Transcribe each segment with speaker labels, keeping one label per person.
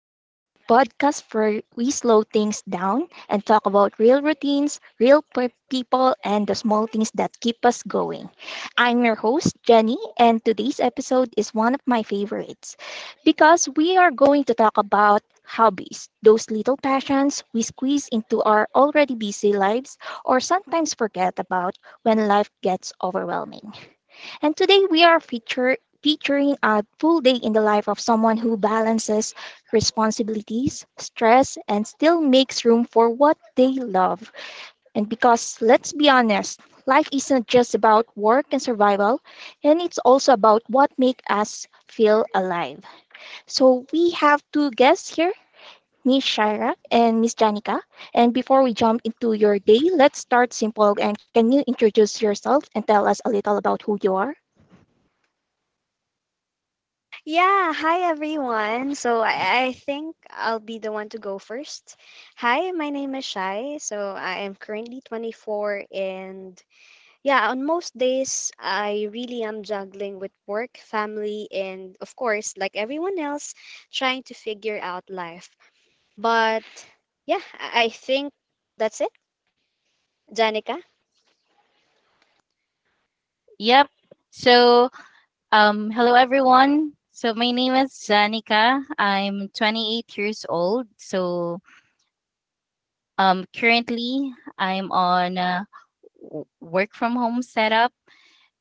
Speaker 1: Life, the podcast where we slow things down and talk about real routines, people, and the small things that keep us going. I'm your host, Jenny, and today's episode is one of my favorites because we are going to talk about hobbies, those little passions we squeeze into our already busy lives or sometimes forget about when life gets overwhelming. And today featuring a full day in the life of someone who balances responsibilities, stress, and still makes room for what they love. And because, let's be honest, life isn't just about work and survival, and it's also about what makes us feel alive. So we have two guests here. Miss Shira and Miss Janica. And before we jump into your day, let's start simple. And can you introduce yourself and tell us a little about who you are?
Speaker 2: Yeah, hi everyone. So I think I'll be the one to go first. Hi, my name is Shai. So I am currently 24, and yeah, on most days, I really am juggling with work, family, and of course, like everyone else, trying to figure out life. But yeah, I think that's it, Janica.
Speaker 3: Yep. So, hello everyone. So my name is Zanika. I'm 28 years old. So, currently I'm on a work from home setup,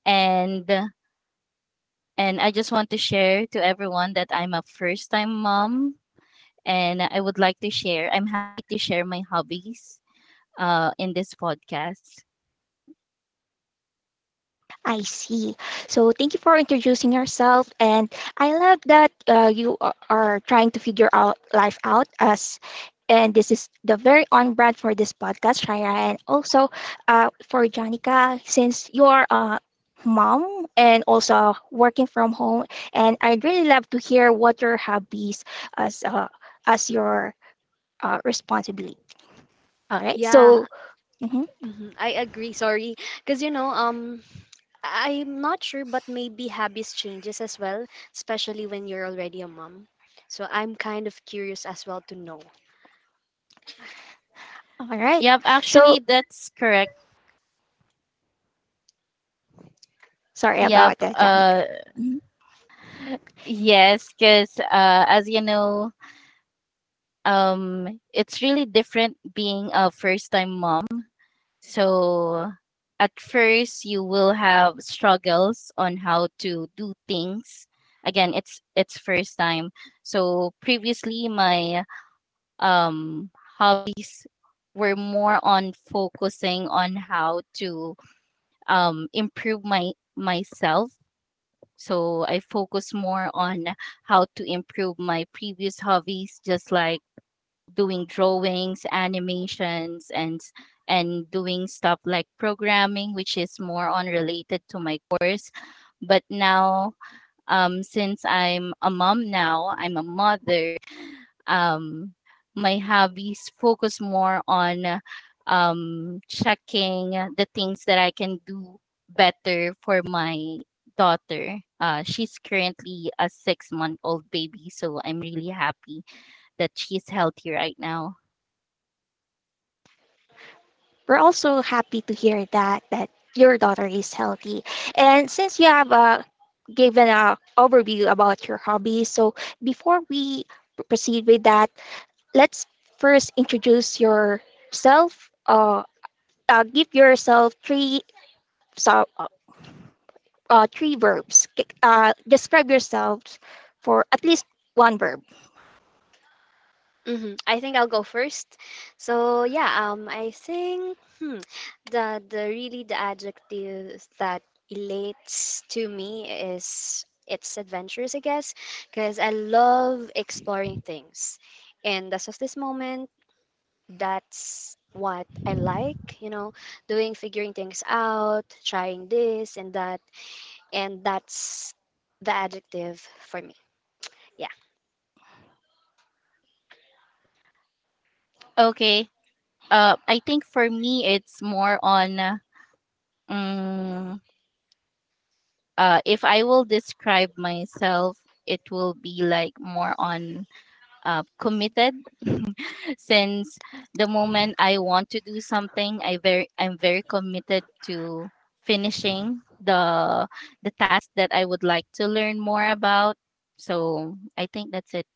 Speaker 3: and and I just want to share to everyone that I'm a first time mom, and I would like to share. I'm happy to share my hobbies, in this podcast.
Speaker 1: I see. So thank you for introducing yourself, and I love that you are trying to figure out life out, and this is the very on brand for this podcast, Shaya, and also for Janica, since you are a mom and also working from home, and I'd really love to hear what your hobbies as uh, as your responsibility. All right.
Speaker 2: Yeah,
Speaker 1: So mhm.
Speaker 2: mhm, I agree. Sorry, because I'm not sure, but maybe habits changes as well, especially when you're already a mom. So I'm kind of curious as well to know.
Speaker 1: All right.
Speaker 3: Yep.
Speaker 1: So
Speaker 3: Actually, that's correct.
Speaker 1: sorry about
Speaker 3: Yep.
Speaker 1: that, Janica. Mhm.
Speaker 3: Yes, because as you know, it's really different being a first time mom, so at first you will have struggles on how to do things. Again, it's first time. So previously my um hobbies were more on focusing on how to improve my myself. So I focus more on how to improve my previous hobbies, just like doing drawings, animations, and doing stuff like programming, which is more on related to my course. But now, since I'm a mom now, I'm a mother. Um, my hobbies focus more on checking the things that I can do better for my daughter. She's currently a 6-month old baby, so I'm really happy that she's healthy right now.
Speaker 1: We're also happy to hear that your daughter is healthy. And since you have given a overview about your hobbies, so before we proceed with that, let's first introduce yourself. Give yourself three, so uh, three verbs. Describe yourself for at least one verb.
Speaker 2: I think I'll go first. So yeah, I think, hmm, the adjective that relates to me is it's adventurous, I guess, because I love exploring things. And as of this moment, that's what I like, doing, figuring things out, trying this and that, and that's the adjective for me. Yeah.
Speaker 3: Okay. I think for me, it's more on, mm, if I will describe myself, it will be like more on committed. Since the moment I want to do something, I'm very committed to finishing the task that I would like to learn more about. So I think that's it.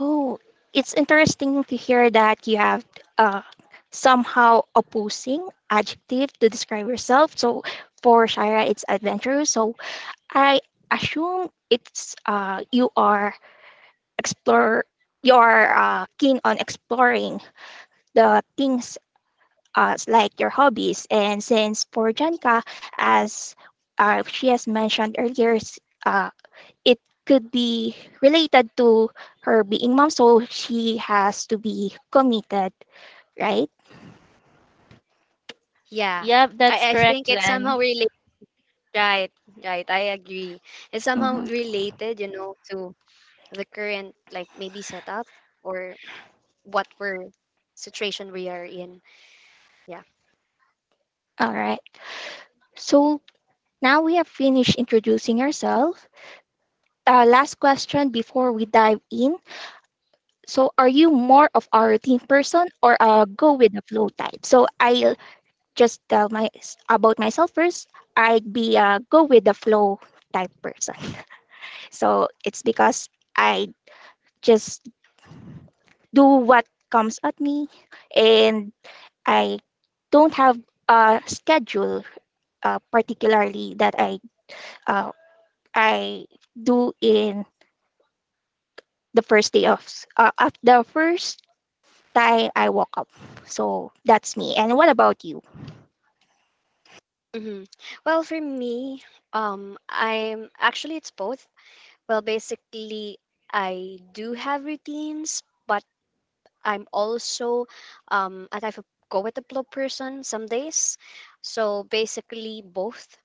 Speaker 1: Oh, it's interesting to hear that you have uh, somehow opposing adjective to describe yourself. So for Shira, it's adventurous. So I assume it's you are explore, you are keen on exploring the things like your hobbies. And since for Janica, as she has mentioned earlier, it could be related to her being mom, so she has to be committed, right?
Speaker 2: Yeah.
Speaker 3: Yep,
Speaker 2: I
Speaker 3: that's
Speaker 2: think
Speaker 3: correct,
Speaker 2: it's somehow
Speaker 3: Jen.
Speaker 2: related, right, right. I agree. It's somehow
Speaker 1: Mhm.
Speaker 2: related, to the current, like, maybe setup or what we're situation we are in. Yeah.
Speaker 1: All right. So now we have finished introducing ourselves. Last question before we dive in. So, are you more of a routine person or a go with the flow type? So, I'll just tell my about myself first. I'd be a go with the flow type person. So, it's because I just do what comes at me, and I don't have a schedule, particularly that uh, I do in the first day of s- of the first time I woke up. So that's me. And what about you?
Speaker 2: hmm Well, for me, I'm actually, it's both. Well, basically, I do have routines, but I'm also a type of go with the flow person some days. So basically, both.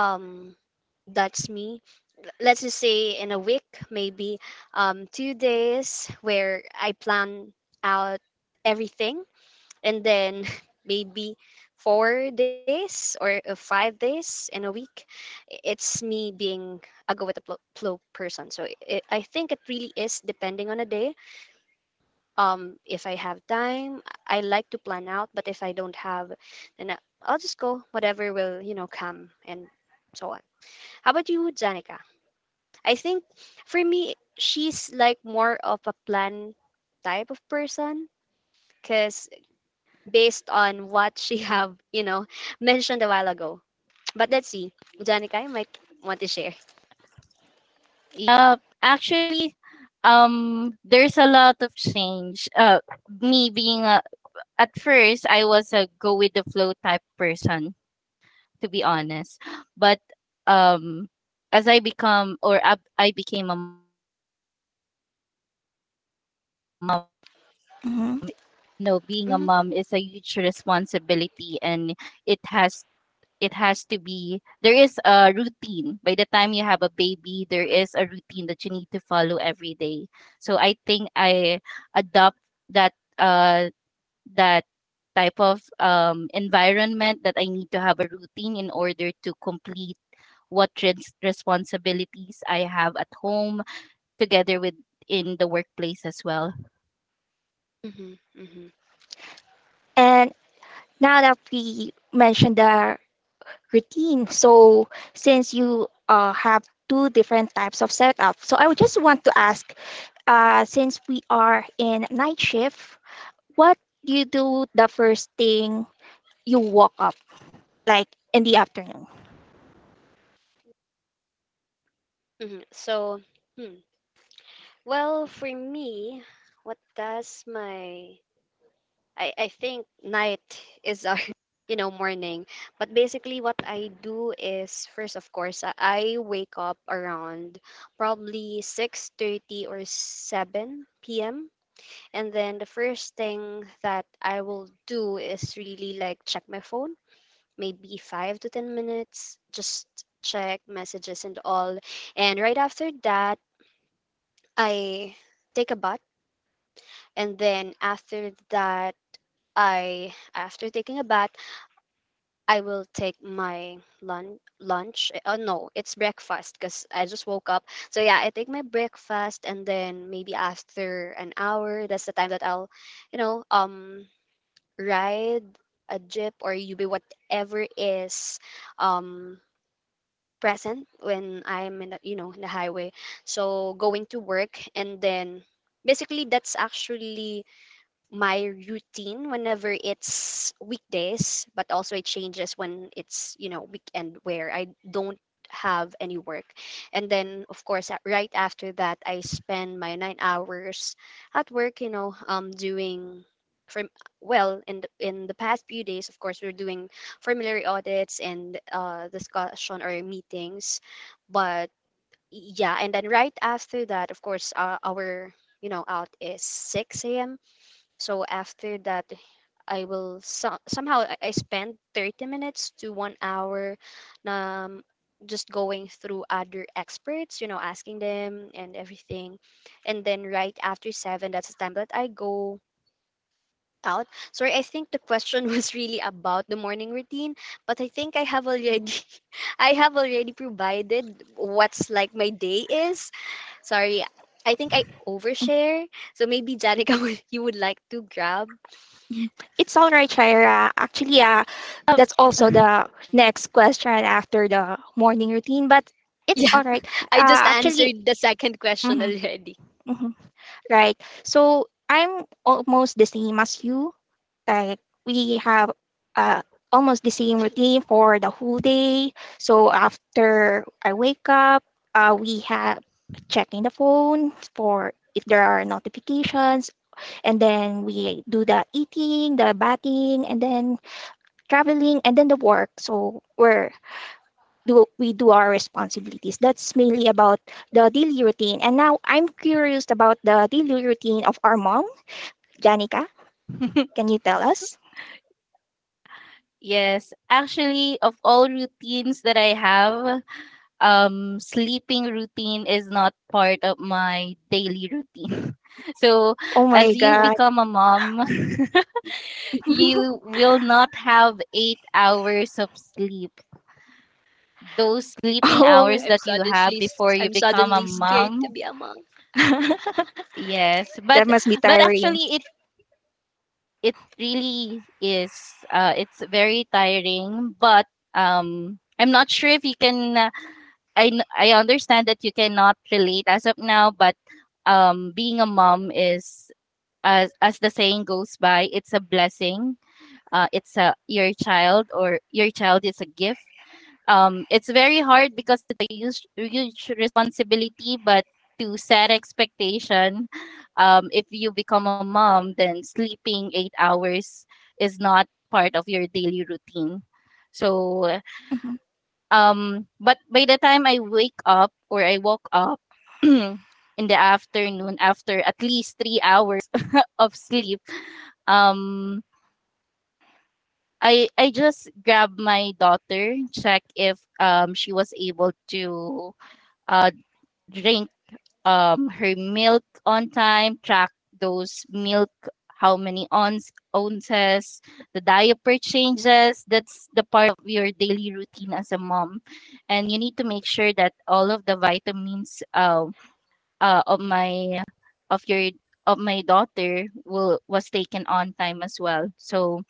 Speaker 2: Um, that's me. Let's just say in a week, maybe 2 days where I plan out everything, and then maybe 4 days or 5 days in a week, it's me being a go with the flow person. So I think it really is depending on a day. If I have time, I like to plan out, but if I don't have, then I'll just go whatever will come, and so on. How about you, Janica? I think for me, she's like more of a plan type of person because based on what she have mentioned a while ago. But let's see. Janica, you might want to share.
Speaker 3: Yeah. Actually, there's a lot of change. Me being a, at first, I was a go with the flow type person, to be honest. But um, as I become I became a,
Speaker 1: Mhm.
Speaker 3: you know, being a
Speaker 2: hmm
Speaker 3: mom is a huge responsibility, and it has, it has to be there is a routine. By the time you have a baby, there is a routine that you need to follow every day. So I think I adopt that uh that type of environment that I need to have a routine in order to complete what responsibilities I have at home, together with in the workplace as well.
Speaker 2: hmm hmm
Speaker 1: And now that we mentioned the routine, so since you have two different types of setup, so I would just want to ask, since we are in night shift, what do you do the first thing you woke up, like in the afternoon?
Speaker 2: So, hmm. well, for me, what does my... I think night is our, morning. But basically what I do is, first, of course, I wake up around probably 6:30 or 7 p.m. And then the first thing that I will do is really like check my phone, maybe 5 to 10 minutes, just check messages and all. And right after that, I take a bath. And then after that, I, after taking a bath, I will take my lunch. Oh, no, it's breakfast because I just woke up. So yeah, I take my breakfast, and then maybe after an hour, that's the time that I'll, you know, um, ride a jeep or UB, whatever is um, present when I'm in the highway. So going to work, and then basically that's actually my routine whenever it's weekdays, but also it changes when it's, weekend, where I don't have any work. And then, of course, right after that, I spend my 9 hours at work, doing. From, well, in the past few days, of course, we're doing formulary audits and discussion or meetings. But yeah, and then right after that, of course, our out is 6 a.m., so after that, I will somehow I spend 30 minutes to 1 hour, um, just going through other experts, asking them and everything. And then right after seven, that's the time that I go out. Sorry, I think the question was really about the morning routine, but I think I have already I have already provided what's like my day is. Sorry, I think I overshare. So maybe Janica, you would like to grab?
Speaker 1: Mm. It's all right, Shira. Actually,
Speaker 3: Uh,
Speaker 1: that's also the next question after the morning routine, but it's
Speaker 2: Yeah.
Speaker 1: all right.
Speaker 2: I just
Speaker 1: Actually,
Speaker 2: answered the second question
Speaker 1: mhm,
Speaker 2: already.
Speaker 1: mhm, right? So I'm almost the same as you. Like we have uh, almost the same routine for the whole day. So after I wake up, we have checking the phone for if there are notifications, and then we do the eating, the bathing, and then traveling, and then the work. So we do our responsibilities. That's mainly about the daily routine. And now I'm curious about the daily routine of our mom. Janica, can you tell us?
Speaker 3: yes, actually, of all routines that I have, sleeping routine is not part of my daily routine. So,
Speaker 1: Oh my
Speaker 3: as you
Speaker 1: god.
Speaker 3: become a mom, you will not have 8 hours of sleep. Those sleeping
Speaker 1: Oh,
Speaker 2: I'm
Speaker 3: hours that you
Speaker 2: suddenly
Speaker 3: have before
Speaker 2: I'm
Speaker 3: you become
Speaker 2: suddenly
Speaker 3: a
Speaker 2: scared to
Speaker 3: mom,
Speaker 2: be a monk.
Speaker 3: yes, but
Speaker 1: that must be
Speaker 3: but
Speaker 1: tiring.
Speaker 3: actually, it really is. It's very tiring, but I'm not sure if you can. I understand that you cannot relate as of now, but being a mom is, as the saying goes by, it's a blessing. It's a your child, or your child is a gift. It's very hard because it's a huge, huge responsibility, but to set expectation, if you become a mom, then sleeping 8 hours is not part of your daily routine. So
Speaker 1: Mhm.
Speaker 3: but by the time I wake up or I woke up in the afternoon after at least 3 hours of sleep, um, I just grabbed my daughter, check if she was able to uh drink her milk on time, track those milk, how many ounces, the diaper changes. That's the part of your daily routine as a mom. And you need to make sure that all of the vitamins uh, of my of your of my daughter will was taken on time as well. So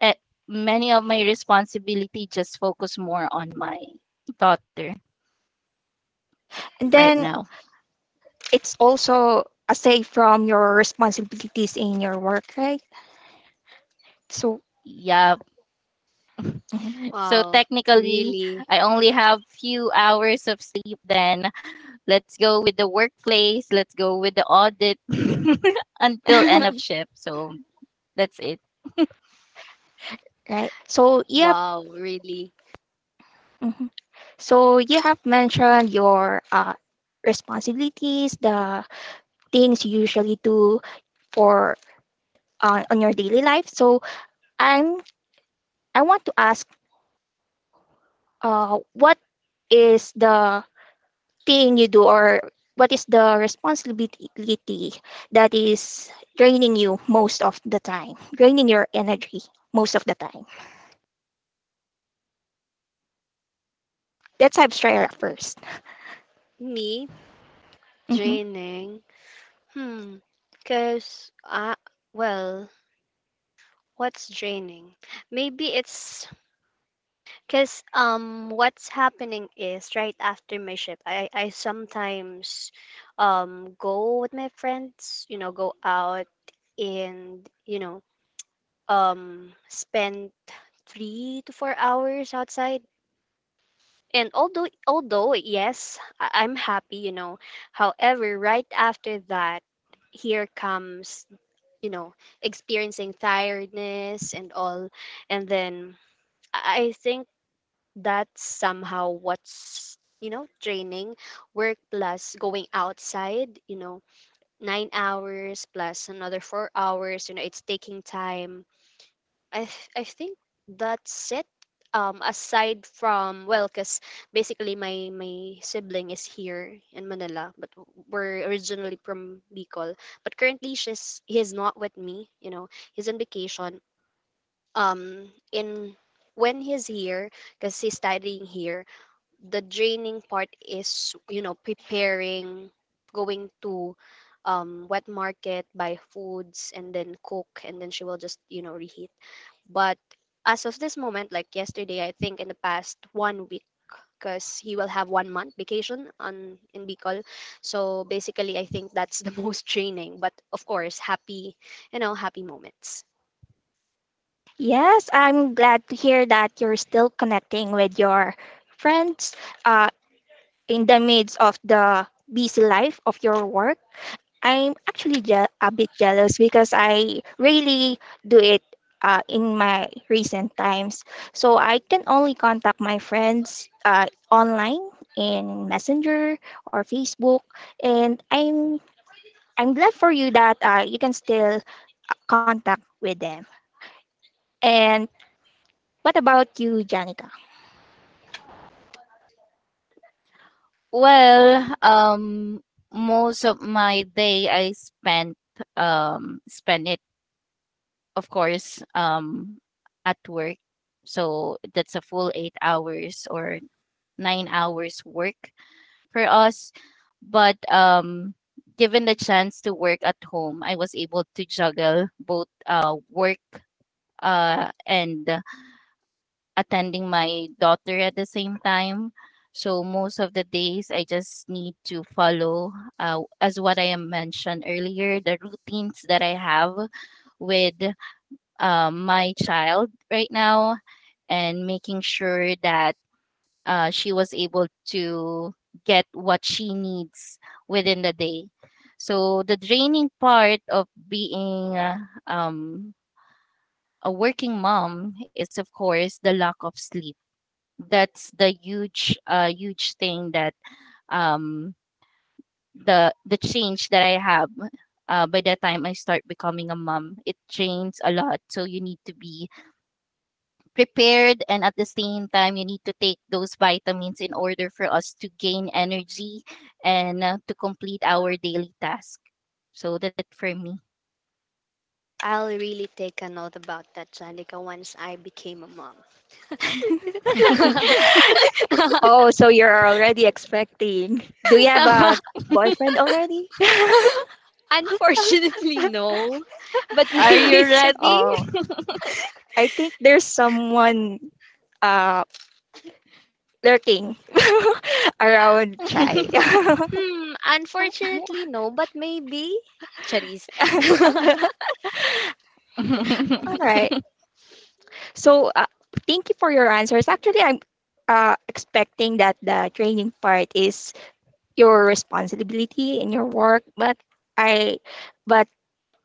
Speaker 3: eh, many of my responsibility just focus more on my daughter
Speaker 1: And
Speaker 3: right
Speaker 1: then
Speaker 2: I'm
Speaker 3: now.
Speaker 1: it's also aside from your responsibilities in your work, right? So,
Speaker 3: Yeah.
Speaker 1: mhm.
Speaker 3: So
Speaker 2: Wow,
Speaker 3: technically,
Speaker 2: really,
Speaker 3: I only have few hours of sleep. Then let's go with the workplace. Let's go with the audit until end of shift. So that's it.
Speaker 1: Right. So, yep.
Speaker 2: wow, really.
Speaker 1: Mhm. So, you have mentioned your responsibilities, the things you usually do for on your daily life. So, I'm I want to ask what is the thing you do or what is the responsibility that is draining you most of the time, draining your energy most of the time? Let's have Shreya 1st.
Speaker 2: Me
Speaker 1: Mm-hmm.
Speaker 2: draining. Hmm. Cause well, what's draining? Maybe it's cause what's happening is right after my shift. I sometimes go with my friends. Go out, and spent 3 to 4 hours outside. And although, yes, I'm happy, however, right after that, here comes, you know experiencing tiredness and all. And then I think that's somehow what's draining. Work plus going outside, 9 hours plus another 4 hours, it's taking time. I think that's it. Aside from, well, cause basically my sibling is here in Manila, but we're originally from Bicol. But currently, she's he is not with me. He's on vacation. In when he's here, cause he's studying here, the draining part is preparing, going to, wet market, buy foods, and then cook, and then she will just reheat. But as of this moment, like yesterday, I think in the past one week, because he will have one month vacation on in Bicol, so basically I think that's the most draining. But of course, happy, happy moments.
Speaker 1: Yes, I'm glad to hear that you're still connecting with your friends uh, in the midst of the busy life of your work. I'm actually a bit jealous because I really do it in my recent times. So I can only contact my friends online in Messenger or Facebook, and I'm glad for you that you can still contact with them. And what about you, Janica?
Speaker 3: Well, most of my day I spent it, of course, at work. So that's a full 8 hours or 9 hours work for us. But given the chance to work at home, I was able to juggle both work and attending my daughter at the same time. So most of the days, I just need to follow, as what I am mentioned earlier, the routines that I have with my child right now and making sure that she was able to get what she needs within the day. So the draining part of being um, a working mom is, of course, the lack of sleep. That's the huge, huge thing that um, the change that I have by the time I start becoming a mom. It drains a lot, so you need to be prepared, and at the same time you need to take those vitamins in order for us to gain energy and to complete our daily task. So that's it for me.
Speaker 2: I'll really take a note about that, Janica, once I became a mom.
Speaker 1: Oh, so you're already expecting. Do you have a boyfriend already?
Speaker 2: Unfortunately, no. But
Speaker 3: Are you
Speaker 2: maybe it's.
Speaker 3: ready?
Speaker 1: Oh, I think there's someone uh lurking around Chai.
Speaker 2: Hmm. Unfortunately, no. But maybe. Charis.
Speaker 1: All right. So thank you for your answers. Actually, I'm expecting that the training part is your responsibility in your work, I, but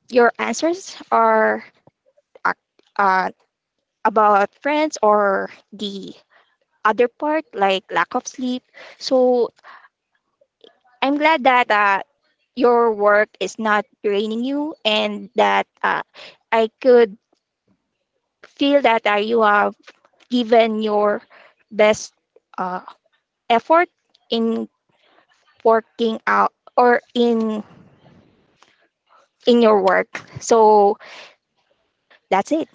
Speaker 1: your answers are ac- uh, about friends or the other part like lack of sleep. So I'm glad that your work is not draining you and that I could feel that you have given your best uh, effort in working out or in your work. So that's it.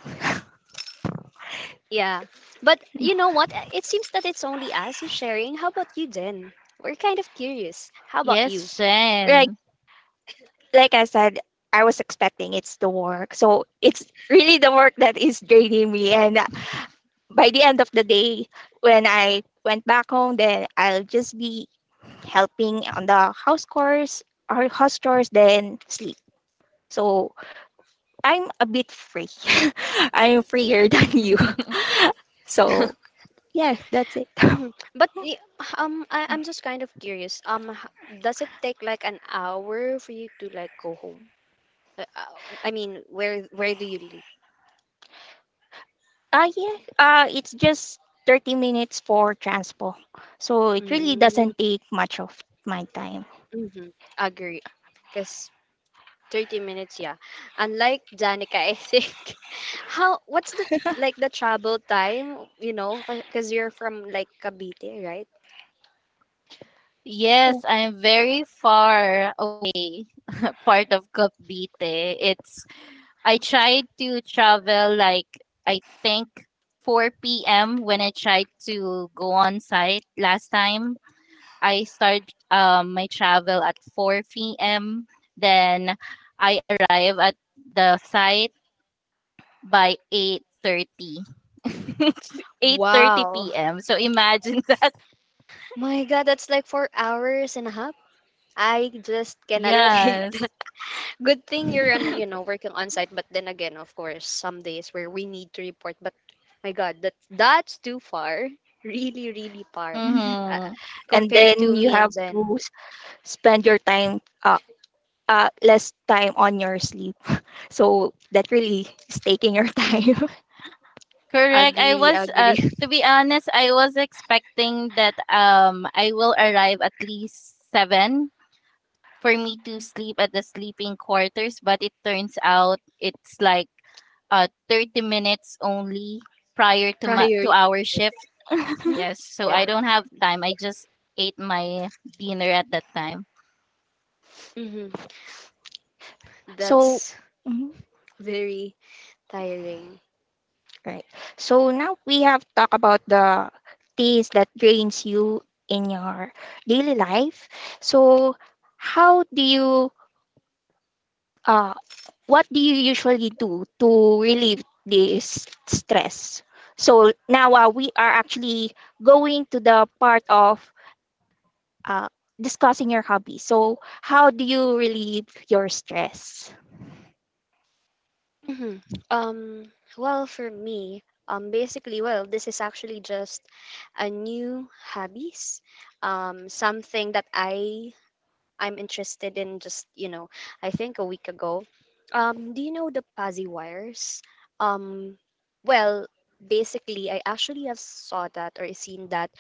Speaker 2: Yeah. But you know what? It seems that it's only us who's sharing. How about you, Jen? We're kind of curious. How about
Speaker 3: Yes,
Speaker 2: you?
Speaker 3: Shen.
Speaker 1: Like like I said, I was expecting it's the work. So it's really the work that is draining me and, by the end of the day when I went back home, then I'll just be helping on the house chores or house chores, then sleep. So I'm a bit free. I'm freer than you. So yeah, that's it.
Speaker 2: Mhm. But I'm just kind of curious. Does it take like an hour for you to like go home? I mean, where do you live?
Speaker 1: Uh, yeah, it's just 30 minutes for transpo. So it really
Speaker 2: Mm.
Speaker 1: doesn't take much of my time.
Speaker 2: Mhm, agree. Because 30 minutes, yeah. Unlike Janica, I think, what's the, like, the travel time, because you're from, like, Cavite, right?
Speaker 3: Yes,
Speaker 1: Oh.
Speaker 3: I'm very far away part of Cavite. It's I tried to travel like I think 4 p.m. when I tried to go on site last time. I start my travel at 4 p.m. Then I arrive at the site by 8:30. 8:30
Speaker 2: Wow.
Speaker 3: p.m. So imagine that.
Speaker 2: My God, that's like 4 hours and a half. I just cannot take that.
Speaker 3: Yes.
Speaker 2: Good thing you're working on site, but then again, of course, some days where we need to report, but my God, that's too far. Really, really far.
Speaker 3: Mhm.
Speaker 2: Uh,
Speaker 3: Mhm.
Speaker 1: And
Speaker 2: Compared
Speaker 1: then
Speaker 2: to
Speaker 1: you
Speaker 2: me and
Speaker 1: have
Speaker 2: Jen.
Speaker 1: to spend your time, less time on your sleep. So that really is taking your time.
Speaker 3: Correct. I
Speaker 2: Agree,
Speaker 3: was
Speaker 2: agree.
Speaker 3: to be honest, I was expecting that I will arrive at least seven for me to sleep at the sleeping quarters, but it turns out it's like 30 minutes only prior to
Speaker 2: Prior
Speaker 3: my
Speaker 2: year.
Speaker 3: to our shift. Yes, so
Speaker 2: Yeah.
Speaker 3: I don't have time. I just ate my dinner at that time.
Speaker 2: hmm
Speaker 1: So,
Speaker 2: That's
Speaker 1: mhm.
Speaker 2: very tiring.
Speaker 1: Right. So now we have talked about the things that drains you in your daily life. So how do you, uh what do you usually do to relieve this stress? So now we are actually going to the part of uh discussing your hobby. So how do you relieve your stress?
Speaker 2: hmm Um, well, for me, basically, well, this is actually just a new hobbies, something that I'm interested in just, I think a week ago. Do you know the Pazzi wires? Um, well, basically, I actually have saw that or seen that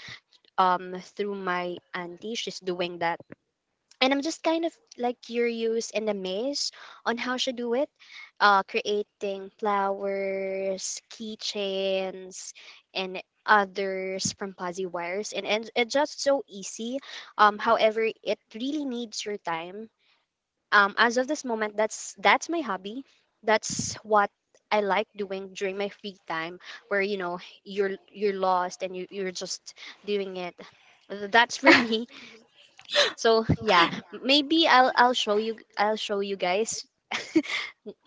Speaker 2: through my auntie, she's doing that, and I'm just kind of like curious and amazed on how she do it, creating flowers, keychains, and others from fuzzy wires, and it's just so easy. However, it really needs your time. As of this moment, that's my hobby. That's what I like doing during my free time, where you're lost and you're just doing it. That's for me. So yeah, maybe I'll show you guys.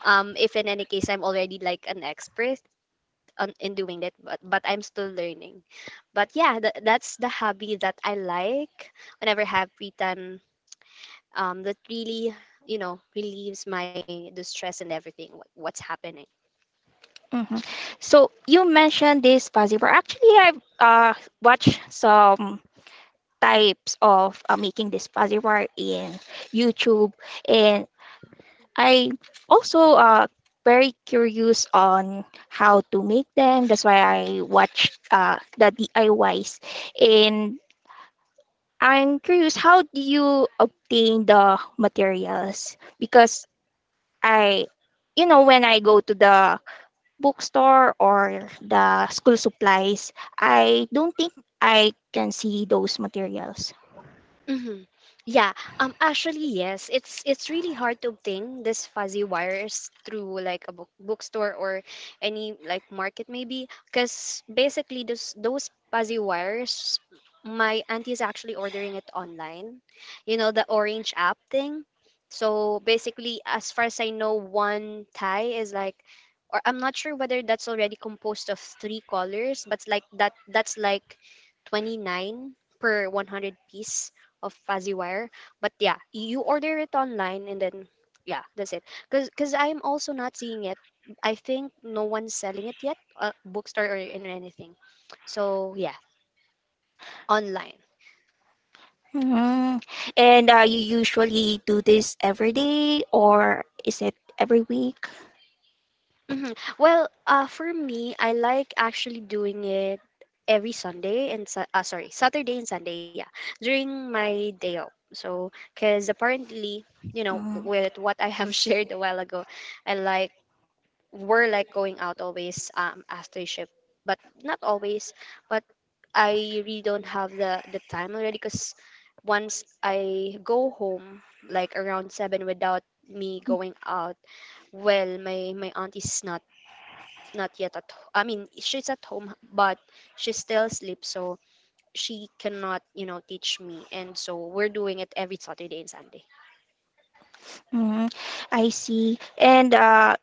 Speaker 2: If in any case I'm already like an expert in doing that, but I'm still learning. But yeah, that's the hobby that I like whenever I have free time. That really relieves my the stress and everything, what's happening.
Speaker 1: Mhm. So you mentioned this, Fuzzy, but actually I've watched some types of making this fuzzy bar in YouTube. And I also very curious on how to make them. That's why I watched the DIYs. And I'm curious, how do you obtain the materials? Because I, you know, when I go to the bookstore or the school supplies, I don't think I can see those materials.
Speaker 2: hmm Yeah. Actually, yes. It's really hard to obtain this fuzzy wires through like a book, bookstore, or any like market maybe, because basically those fuzzy wires, my auntie is actually ordering it online. You know the orange app thing. So basically, as far as I know, one tie is like, or I'm not sure whether that's already composed of three colors, but like that's like 29 per 100 piece of fuzzy wire. But yeah, you order it online, and then yeah, that's it. Cause I'm also not seeing it. I think no one's selling it yet, bookstore or in anything. So yeah, online.
Speaker 1: Mm. And you usually do this every day or is it every week?
Speaker 2: Mhm. Well, for me, I like actually doing it every Sunday and sorry, Saturday and Sunday. Yeah, during my day off. So, because apparently,
Speaker 1: Mm.
Speaker 2: with what I have shared a while ago, I like were like going out always after shift, but not always, but I really don't have the time already because once I go home, like around seven without me going out, well my aunt is not yet at I mean she's at home, but she still asleep, so she cannot teach me, and so we're doing it every Saturday and Sunday.
Speaker 1: Mm. I see. And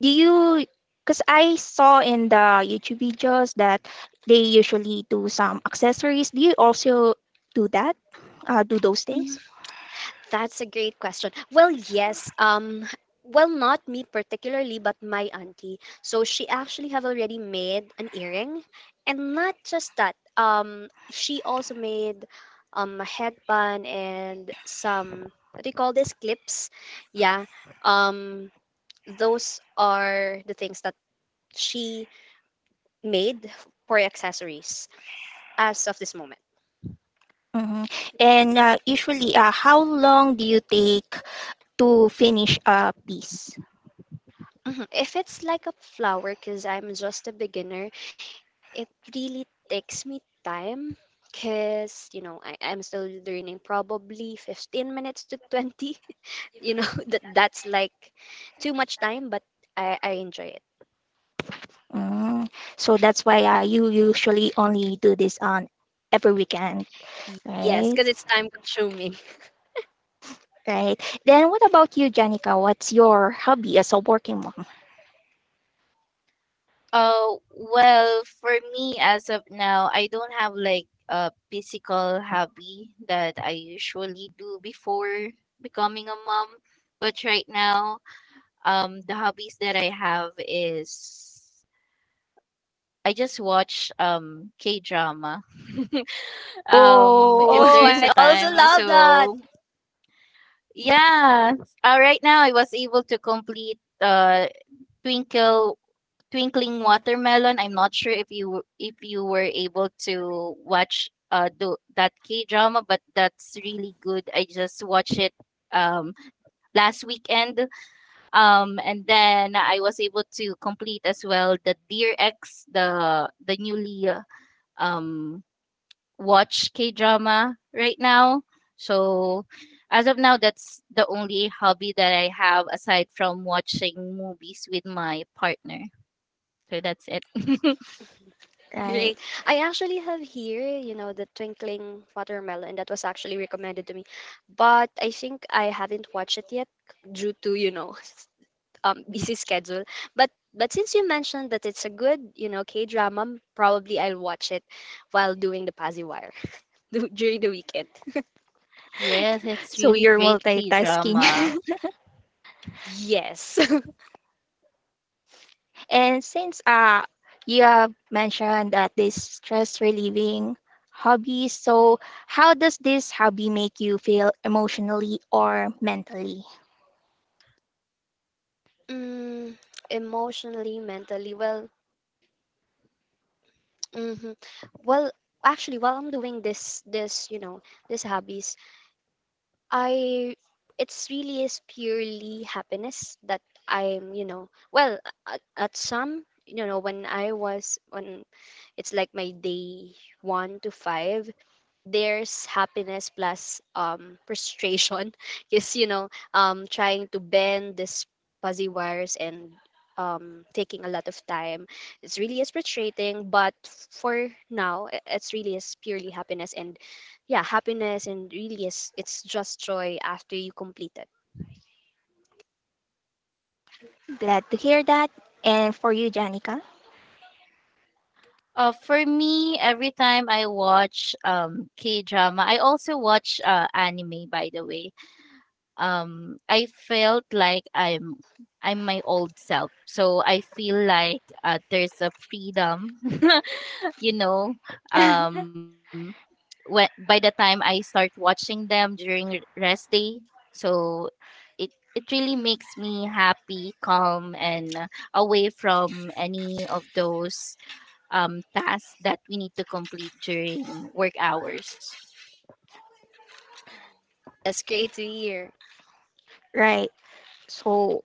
Speaker 1: do you, because I saw in the YouTube videos that they usually do some accessories. Do you also do that? Do those things?
Speaker 2: That's a great question. Well, yes. Well, not me particularly, but my auntie. So she actually have already made an earring, and not just that. She also made a headband and some, what do you call this, clips? Yeah. Um, those are the things that she made for accessories as of this moment.
Speaker 1: Hmm. And usually, how long do you take to finish a piece?
Speaker 2: Mhm. If it's like a flower, because I'm just a beginner, it really takes me time because you know I'm still learning probably 15 minutes to 20 you know that's like too much time but I enjoy it.
Speaker 1: Mm. So that's why you usually only do this on every weekend,
Speaker 2: Yes,
Speaker 1: right?
Speaker 2: because it's time consuming.
Speaker 1: Right. Then what about you, Janica? What's your hobby as a working mom?
Speaker 3: Well, for me, as of now, I don't have like a physical hobby that I usually do before becoming a mom. But right now, the hobbies that I have is I just watch K drama. Um, if
Speaker 1: Oh.
Speaker 3: there
Speaker 2: Oh,
Speaker 3: is
Speaker 2: I
Speaker 3: a
Speaker 2: also
Speaker 3: time,
Speaker 2: love that.
Speaker 3: so yeah. Right now, I was able to complete Twinkle Twinkling Watermelon. I'm not sure if you were able to watch the that K drama, but that's really good. I just watched it um last weekend. Um, and then I was able to complete as well the Dear X, the newly um watch K drama right now. So as of now, that's the only hobby that I have aside from watching movies with my partner. So that's it.
Speaker 1: Right.
Speaker 2: Great. I actually have here the Twinkling Watermelon that was actually recommended to me, but I think I haven't watched it yet due to busy schedule. But since you mentioned that it's a good, you know, K drama, probably I'll watch it while doing the Pazzi Wire during the weekend.
Speaker 3: Yes, it's
Speaker 1: So
Speaker 3: really
Speaker 1: you're
Speaker 3: great K
Speaker 1: multitasking.
Speaker 3: drama.
Speaker 2: Yes.
Speaker 1: And since you have mentioned that this stress relieving hobby, so how does this hobby make you feel emotionally or mentally?
Speaker 2: mm, Emotionally, mentally, well, hmm well, actually, while I'm doing this hobbies, I it's really is purely happiness that I'm, well, at some, when I was when it's like my day 1 to 5, there's happiness plus frustration because trying to bend this fuzzy wires and taking a lot of time, it's really is frustrating, but for now, it's really is purely happiness, and yeah, happiness, and really is, it's just joy after you complete it.
Speaker 1: Glad to hear that. And for you, Janica?
Speaker 3: For me, every time I watch K drama, I also watch anime by the way. I felt like I'm my old self. So I feel like there's a freedom, you know, um when by the time I start watching them during rest day, so it it really makes me happy, calm, and away from any of those tasks that we need to complete during work hours.
Speaker 2: That's great to hear.
Speaker 1: Right. So,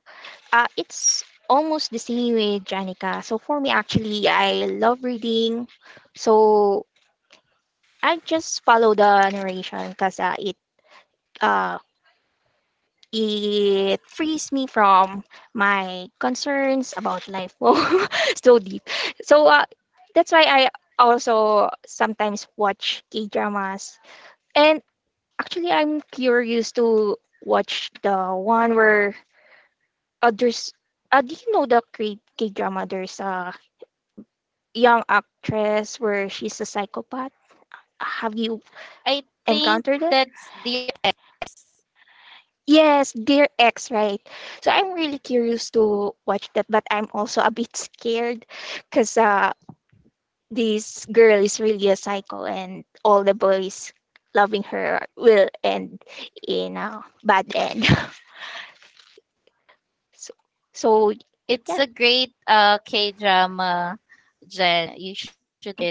Speaker 1: it's almost the same with Janica. So, for me, actually, I love reading. So, I just follow the narration because it uh, it frees me from my concerns about life. Wow, so deep. So, that's why I also sometimes watch K dramas. And actually, I'm curious to watch the one where others do you know the K drama? There's a young actress where she's a psychopath. Have you
Speaker 3: I think
Speaker 1: encountered it?
Speaker 3: that's the
Speaker 1: Yes, Dear ex, right? So I'm really curious to watch that, but I'm also a bit scared because this girl is really a psycho, and all the boys loving her will end in a bad end. So, so
Speaker 3: it's a
Speaker 1: yeah,
Speaker 3: great K drama, Jen. You should it.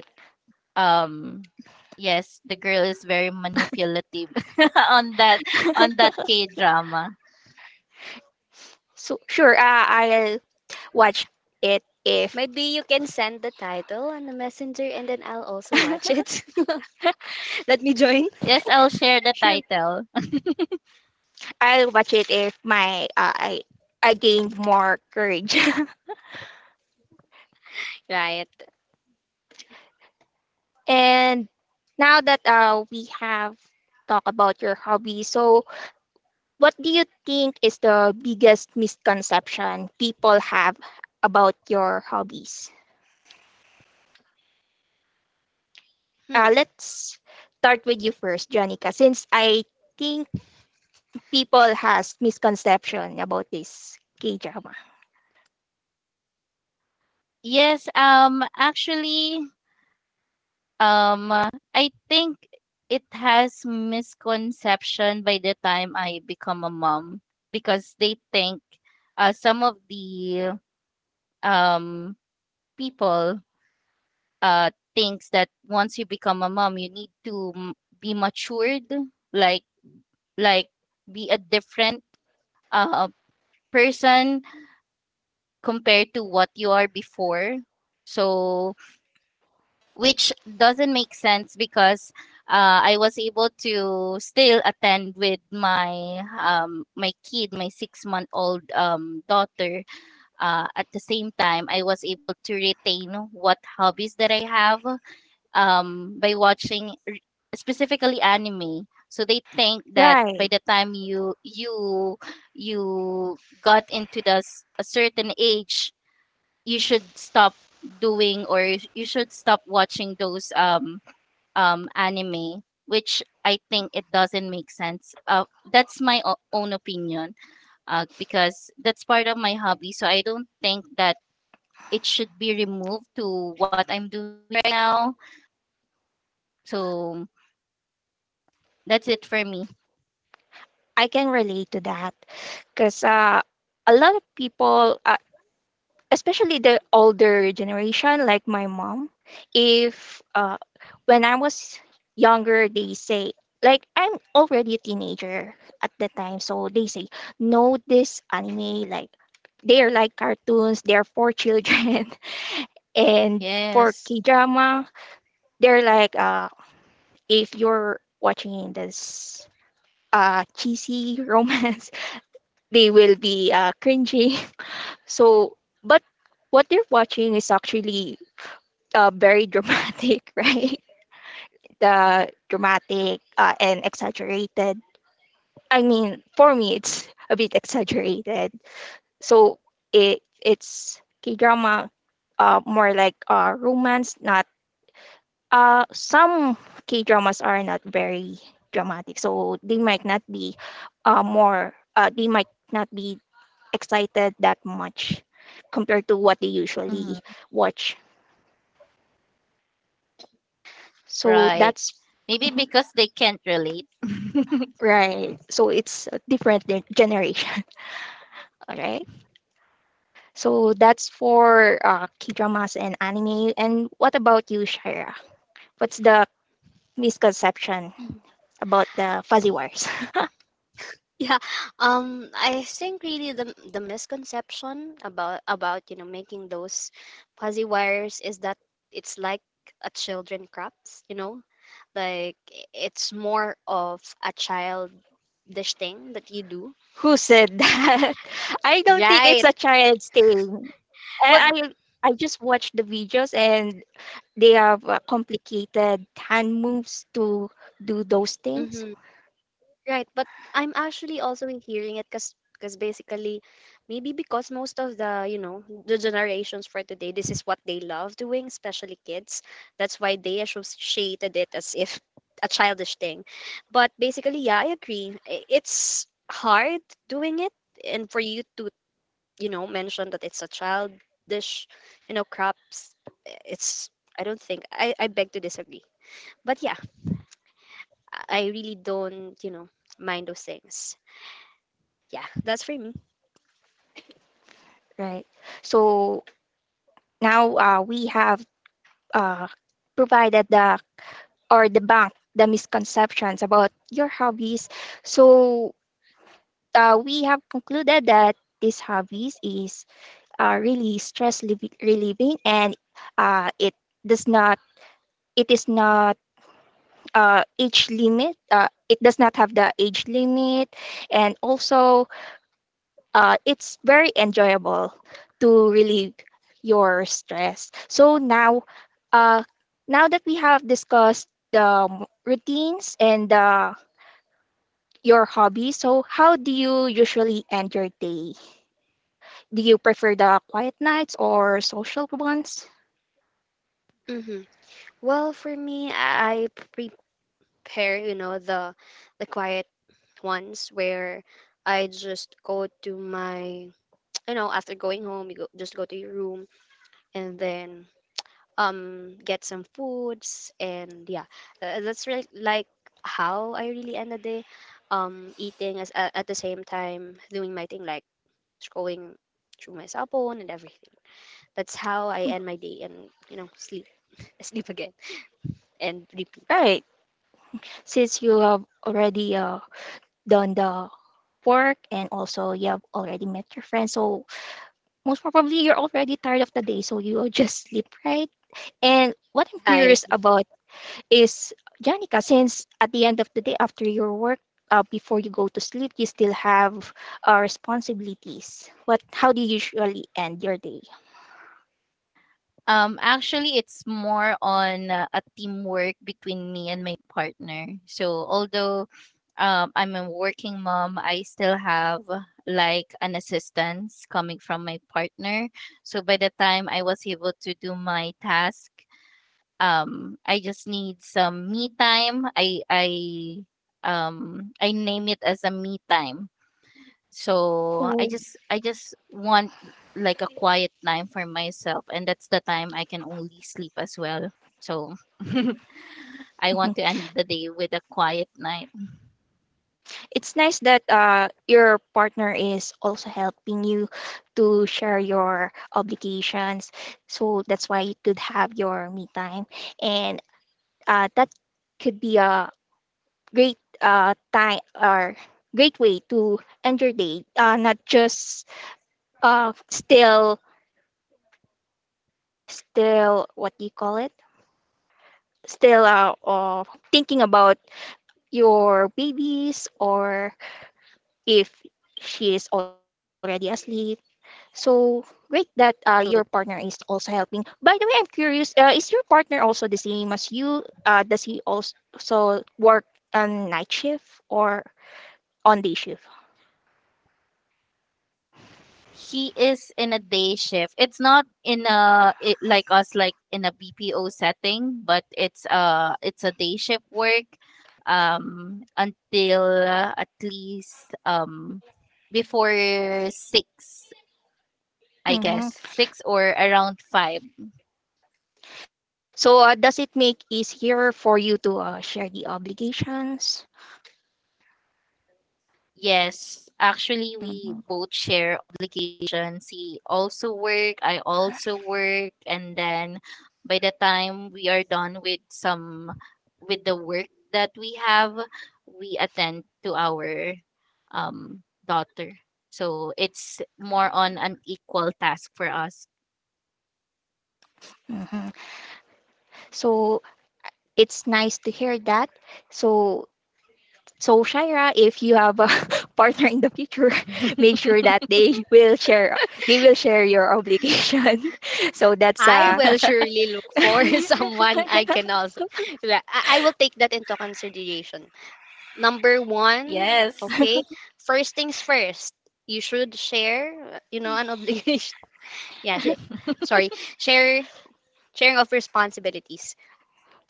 Speaker 3: Um, yes, the girl is very manipulative on that K drama.
Speaker 1: so sure, I'll watch it if
Speaker 2: Maybe you can send the title on the messenger and then I'll also watch it. Let me
Speaker 3: Yes,
Speaker 2: join.
Speaker 3: I'll share the title.
Speaker 1: sure. I'll watch it if my I gained more courage.
Speaker 2: Right.
Speaker 1: And now that we have talked about your hobby, so what do you think is the biggest misconception people have about your hobbies?
Speaker 2: Hmm.
Speaker 1: Let's start with you first, Janica, since I think people has misconception about this K drama.
Speaker 3: Yes, actually, um, uh, I think it has misconception by the time I become a mom, because they think some of the um people uh thinks that once you become a mom, you need to be matured, like like be a different uh person compared to what you are before. So which doesn't make sense, because I was able to still attend with my my kid, my 6-month old daughter. At the same time, I was able to retain what hobbies that I have by watching specifically anime. So they think that by
Speaker 1: Right,
Speaker 3: the time you got into this a certain age, you should stop doing or you should stop watching those anime, which I think it doesn't make sense. That's my own opinion, because that's part of my hobby, so I don't think that it should be removed to what I'm doing right now. So that's it for me.
Speaker 1: I can relate to that because a lot of people, especially the older generation, like my mom, if, when I was younger, they say, like, I'm already a teenager at the time. So they say, no, this anime, like, they're like cartoons, they're for children. And for
Speaker 3: Yes.
Speaker 1: K drama, they're like, if you're watching this cheesy romance, they will be cringy. So, but what you're watching is actually very dramatic, right? The dramatic and exaggerated. I mean, for me, it's a bit exaggerated. So it's K drama, more like romance. Not some K dramas are not very dramatic, so they might not be more. They might not be excited that much compared to what they usually
Speaker 3: Mhm.
Speaker 1: watch. So
Speaker 3: Right.
Speaker 1: that's
Speaker 3: Maybe
Speaker 1: Mhm.
Speaker 3: because they can't relate.
Speaker 1: right. So it's a different generation. All right. So that's for K dramas and anime. And what about you, Shira? What's the misconception about the fuzzy wires?
Speaker 2: Yeah, I think really the misconception about making those fuzzy wires is that it's like a children crafts, like it's more of a childish thing that you do.
Speaker 1: Who said that? I don't think it's
Speaker 2: Right.
Speaker 1: a child's thing.
Speaker 2: But
Speaker 1: I I just watched the videos and they have complicated hand moves to do those things,
Speaker 2: mm-hmm. Right, but I'm actually also hearing it because basically, maybe because most of the the generations for today, this is what they love doing, especially kids. That's why they associated it as if a childish thing. But basically, yeah, I agree, it's hard doing it. And for you to mention that it's a childish crops, eh, it's, I don't think I beg to disagree. But yeah, I really don't mind those things. Yeah, that's for me.
Speaker 1: right? So now we have uh, provided the or debunk the misconceptions about your hobbies. So we have concluded that these hobbies is really relieving and it does not it is not age limit it does not have the age limit, and also it's very enjoyable to relieve your stress. So now, uh, now that we have discussed the routines and your hobbies, so how do you usually end your day? Do you prefer the quiet nights or social ones?
Speaker 2: hmm Well, for me, I prepare, the quiet ones where I just go to my, after going home, you go, just go to your room and then get some foods, and yeah, that's really like how I really end the day, eating as at the same time doing my thing like scrolling through my cell phone and everything. That's how I end my day, and you know, sleep sleep again. And repeat.
Speaker 1: Right, since you have already done the work, and also you have already met your friends, so most probably you're already tired of the day, so you will just sleep, right? And what I'm
Speaker 2: I
Speaker 1: curious about is Janica, since at the end of the day, after your work, before you go to sleep, you still have responsibilities. What? How do you usually end your day?
Speaker 3: Um, actually, it's more on a teamwork between me and my partner. So, although I'm a working mom, I still have like an assistance coming from my partner. So, by the time I was able to do my task, I just need some me time. I name it as a me time. So,
Speaker 1: Oh,
Speaker 3: I just want like a quiet time for myself, and that's the time I can only sleep as well. So, I
Speaker 1: mhm.
Speaker 3: want to end the day with a quiet night.
Speaker 1: It's nice that your partner is also helping you to share your obligations. So that's why you could have your me time, and that could be a great time or great way to end your day. Not just uh, still still what do you call it, still thinking about your babies, or if she is already asleep. So great that your partner is also helping. By the way, I'm curious, is your partner also the same as you, does he also work on night shift or on day shift?
Speaker 3: He is in a day shift. It's not in a it, like us like in a BPO setting, but it's a day shift work until at least before 6, I guess,
Speaker 1: Hmm.
Speaker 3: 6 or around 5.
Speaker 1: So does it make easier for you to share the obligations?
Speaker 3: Yes, actually, we
Speaker 1: Hmm.
Speaker 3: both share obligations. He also work, I also work, and then by the time we are done with some with the work that we have, we attend to our daughter. So it's more on an equal task for us.
Speaker 1: Hmm. So it's nice to hear that. So, so Shaira, if you have a partner in the future, make sure that they will share your obligation. So that's
Speaker 2: I will surely look for someone I can also. I will take that into consideration. Number one,
Speaker 3: Yes.
Speaker 2: okay. First things first, you should share an obligation. Yeah, sorry. Share Sharing of responsibilities.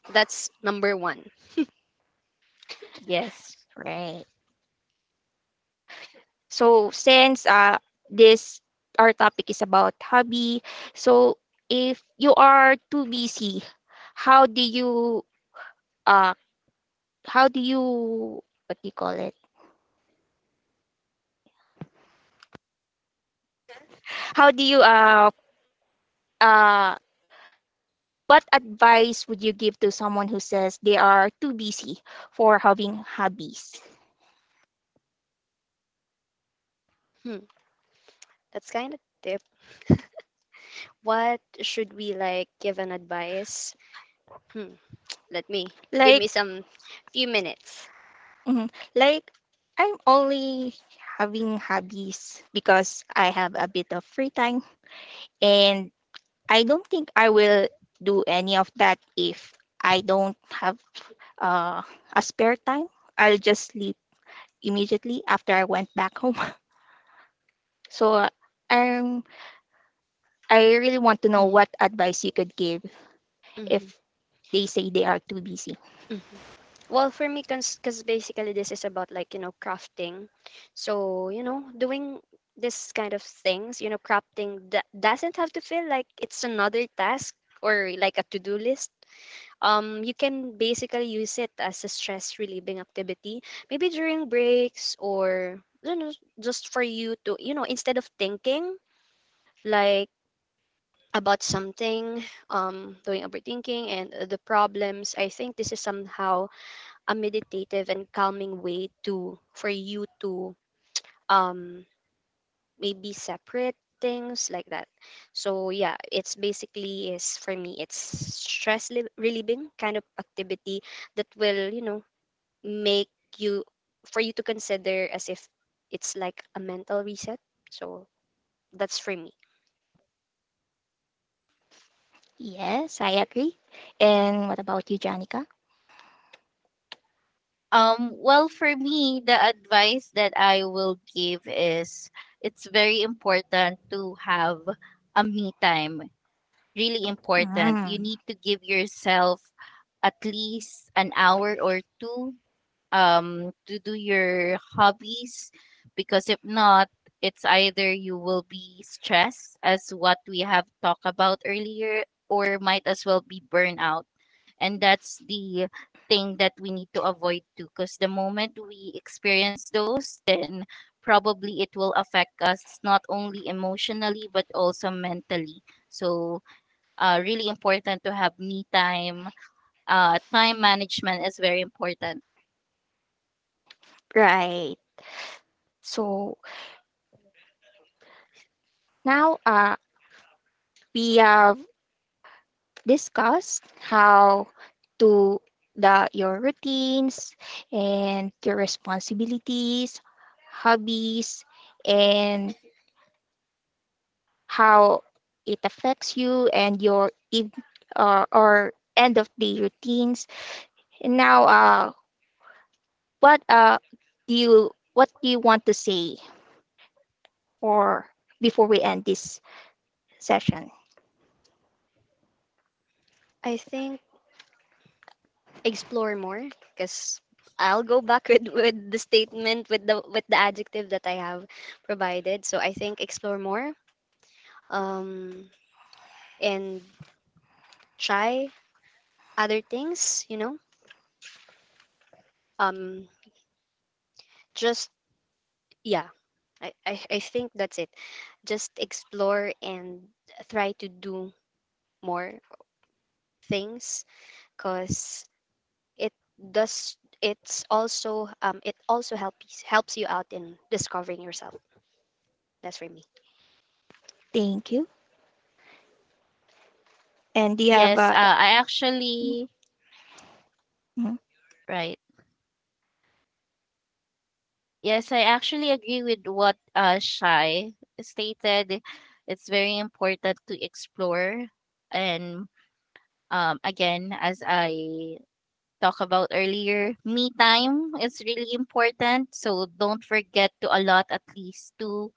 Speaker 2: That's number one.
Speaker 3: Yes.
Speaker 1: right. So since this our topic is about hobby, so if you are too busy, how do you uh how do you what do you call it? How do you uh what advice would you give to someone who says they are too busy for having hobbies?
Speaker 2: Hmm, that's kind of tip. What should we like give an advice? Hmm, let me Give
Speaker 1: Like,
Speaker 2: me some few minutes.
Speaker 1: mhm, like I'm only having hobbies because I have a bit of free time, and I don't think I will do any of that if I don't have uh, a spare time. I'll just sleep immediately after I went back home. So um, I really want to know
Speaker 2: Mm-hmm,
Speaker 1: what advice you could give
Speaker 2: mm-hmm,
Speaker 1: if they say they are too busy.
Speaker 2: mm-hmm. Well, for me, because basically this is about like, crafting. So, doing this kind of things, crafting that doesn't have to feel like it's another task or like a to-do list. You can basically use it as a stress relieving activity, maybe during breaks or, just for you to, instead of thinking like about something, doing overthinking and the problems, I think this is somehow a meditative and calming way to for you to um maybe separate things like that. So yeah, it's basically is, for me, it's stress relieving kind of activity that will make you, for you to consider as if it's like a mental reset. So that's for me.
Speaker 1: Yes, I agree. And what about you, Janica?
Speaker 3: Well, for me, the advice that I will give is it's very important to have a me time. Really important. You
Speaker 1: Mm,
Speaker 3: need to give yourself at least an hour or two, to do your hobbies, because if not, it's either you will be stressed, as what we have talked about earlier, or might as well be burnout, and that's the thing that we need to avoid too, because the moment we experience those, then probably it will affect us not only emotionally but also mentally. So, really important to have me time. Time management is very important.
Speaker 1: right. So now we have discussed how to the your routines and your responsibilities, hobbies, and how it affects you and your eve or end of day routines. And now, what do you what do you want to say, or before we end this session.
Speaker 2: I think explore more, because I'll go back with the statement with the adjective that I have provided. So I think explore more, um, and try other things, you know. Um, just yeah, I think that's it. Just explore and try to do more things, because it it's also it also helps you out in discovering yourself. That's for me.
Speaker 1: Thank you. And do you have
Speaker 3: Yes,
Speaker 1: mhm,
Speaker 3: right. Yes, I actually agree with what Shai stated. It's very important to explore, and again, as I talked about earlier, me time is really important. So don't forget to allot at least two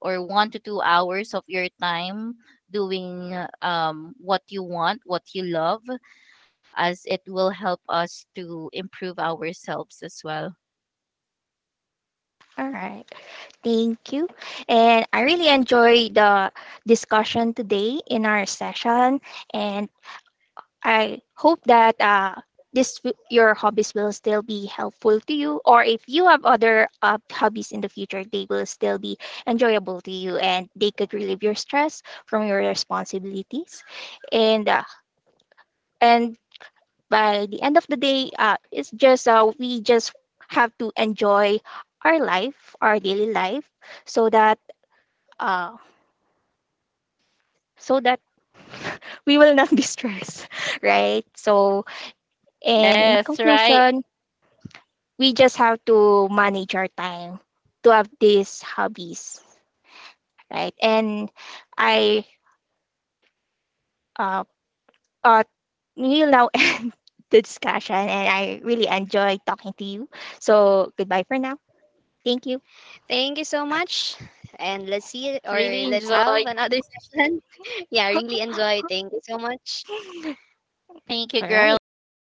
Speaker 3: or one to two hours of your time doing what you want, what you love, as it will help us to improve ourselves as well.
Speaker 1: all right. Thank you. And I really enjoy the discussion today in our session, and I hope that your hobbies will still be helpful to you, or if you have other hobbies in the future they will still be enjoyable to you and they could relieve your stress from your responsibilities, and and by the end of the day, it's just we just have to enjoy our life, our daily life, so that uh, so that we will not be stressed, right? So, and in
Speaker 3: Yes, right.
Speaker 1: conclusion, we just have to manage our time to have these hobbies, right? And I uh, uh will now end the discussion, and I really enjoy talking to you. So, goodbye for now. Thank you.
Speaker 2: Thank you so much. And let's see, or
Speaker 3: Really
Speaker 2: let's have
Speaker 3: enjoyed.
Speaker 2: another session. Yeah, I really enjoy. Thank you so much.
Speaker 3: Thank you,
Speaker 1: All right.
Speaker 3: girls.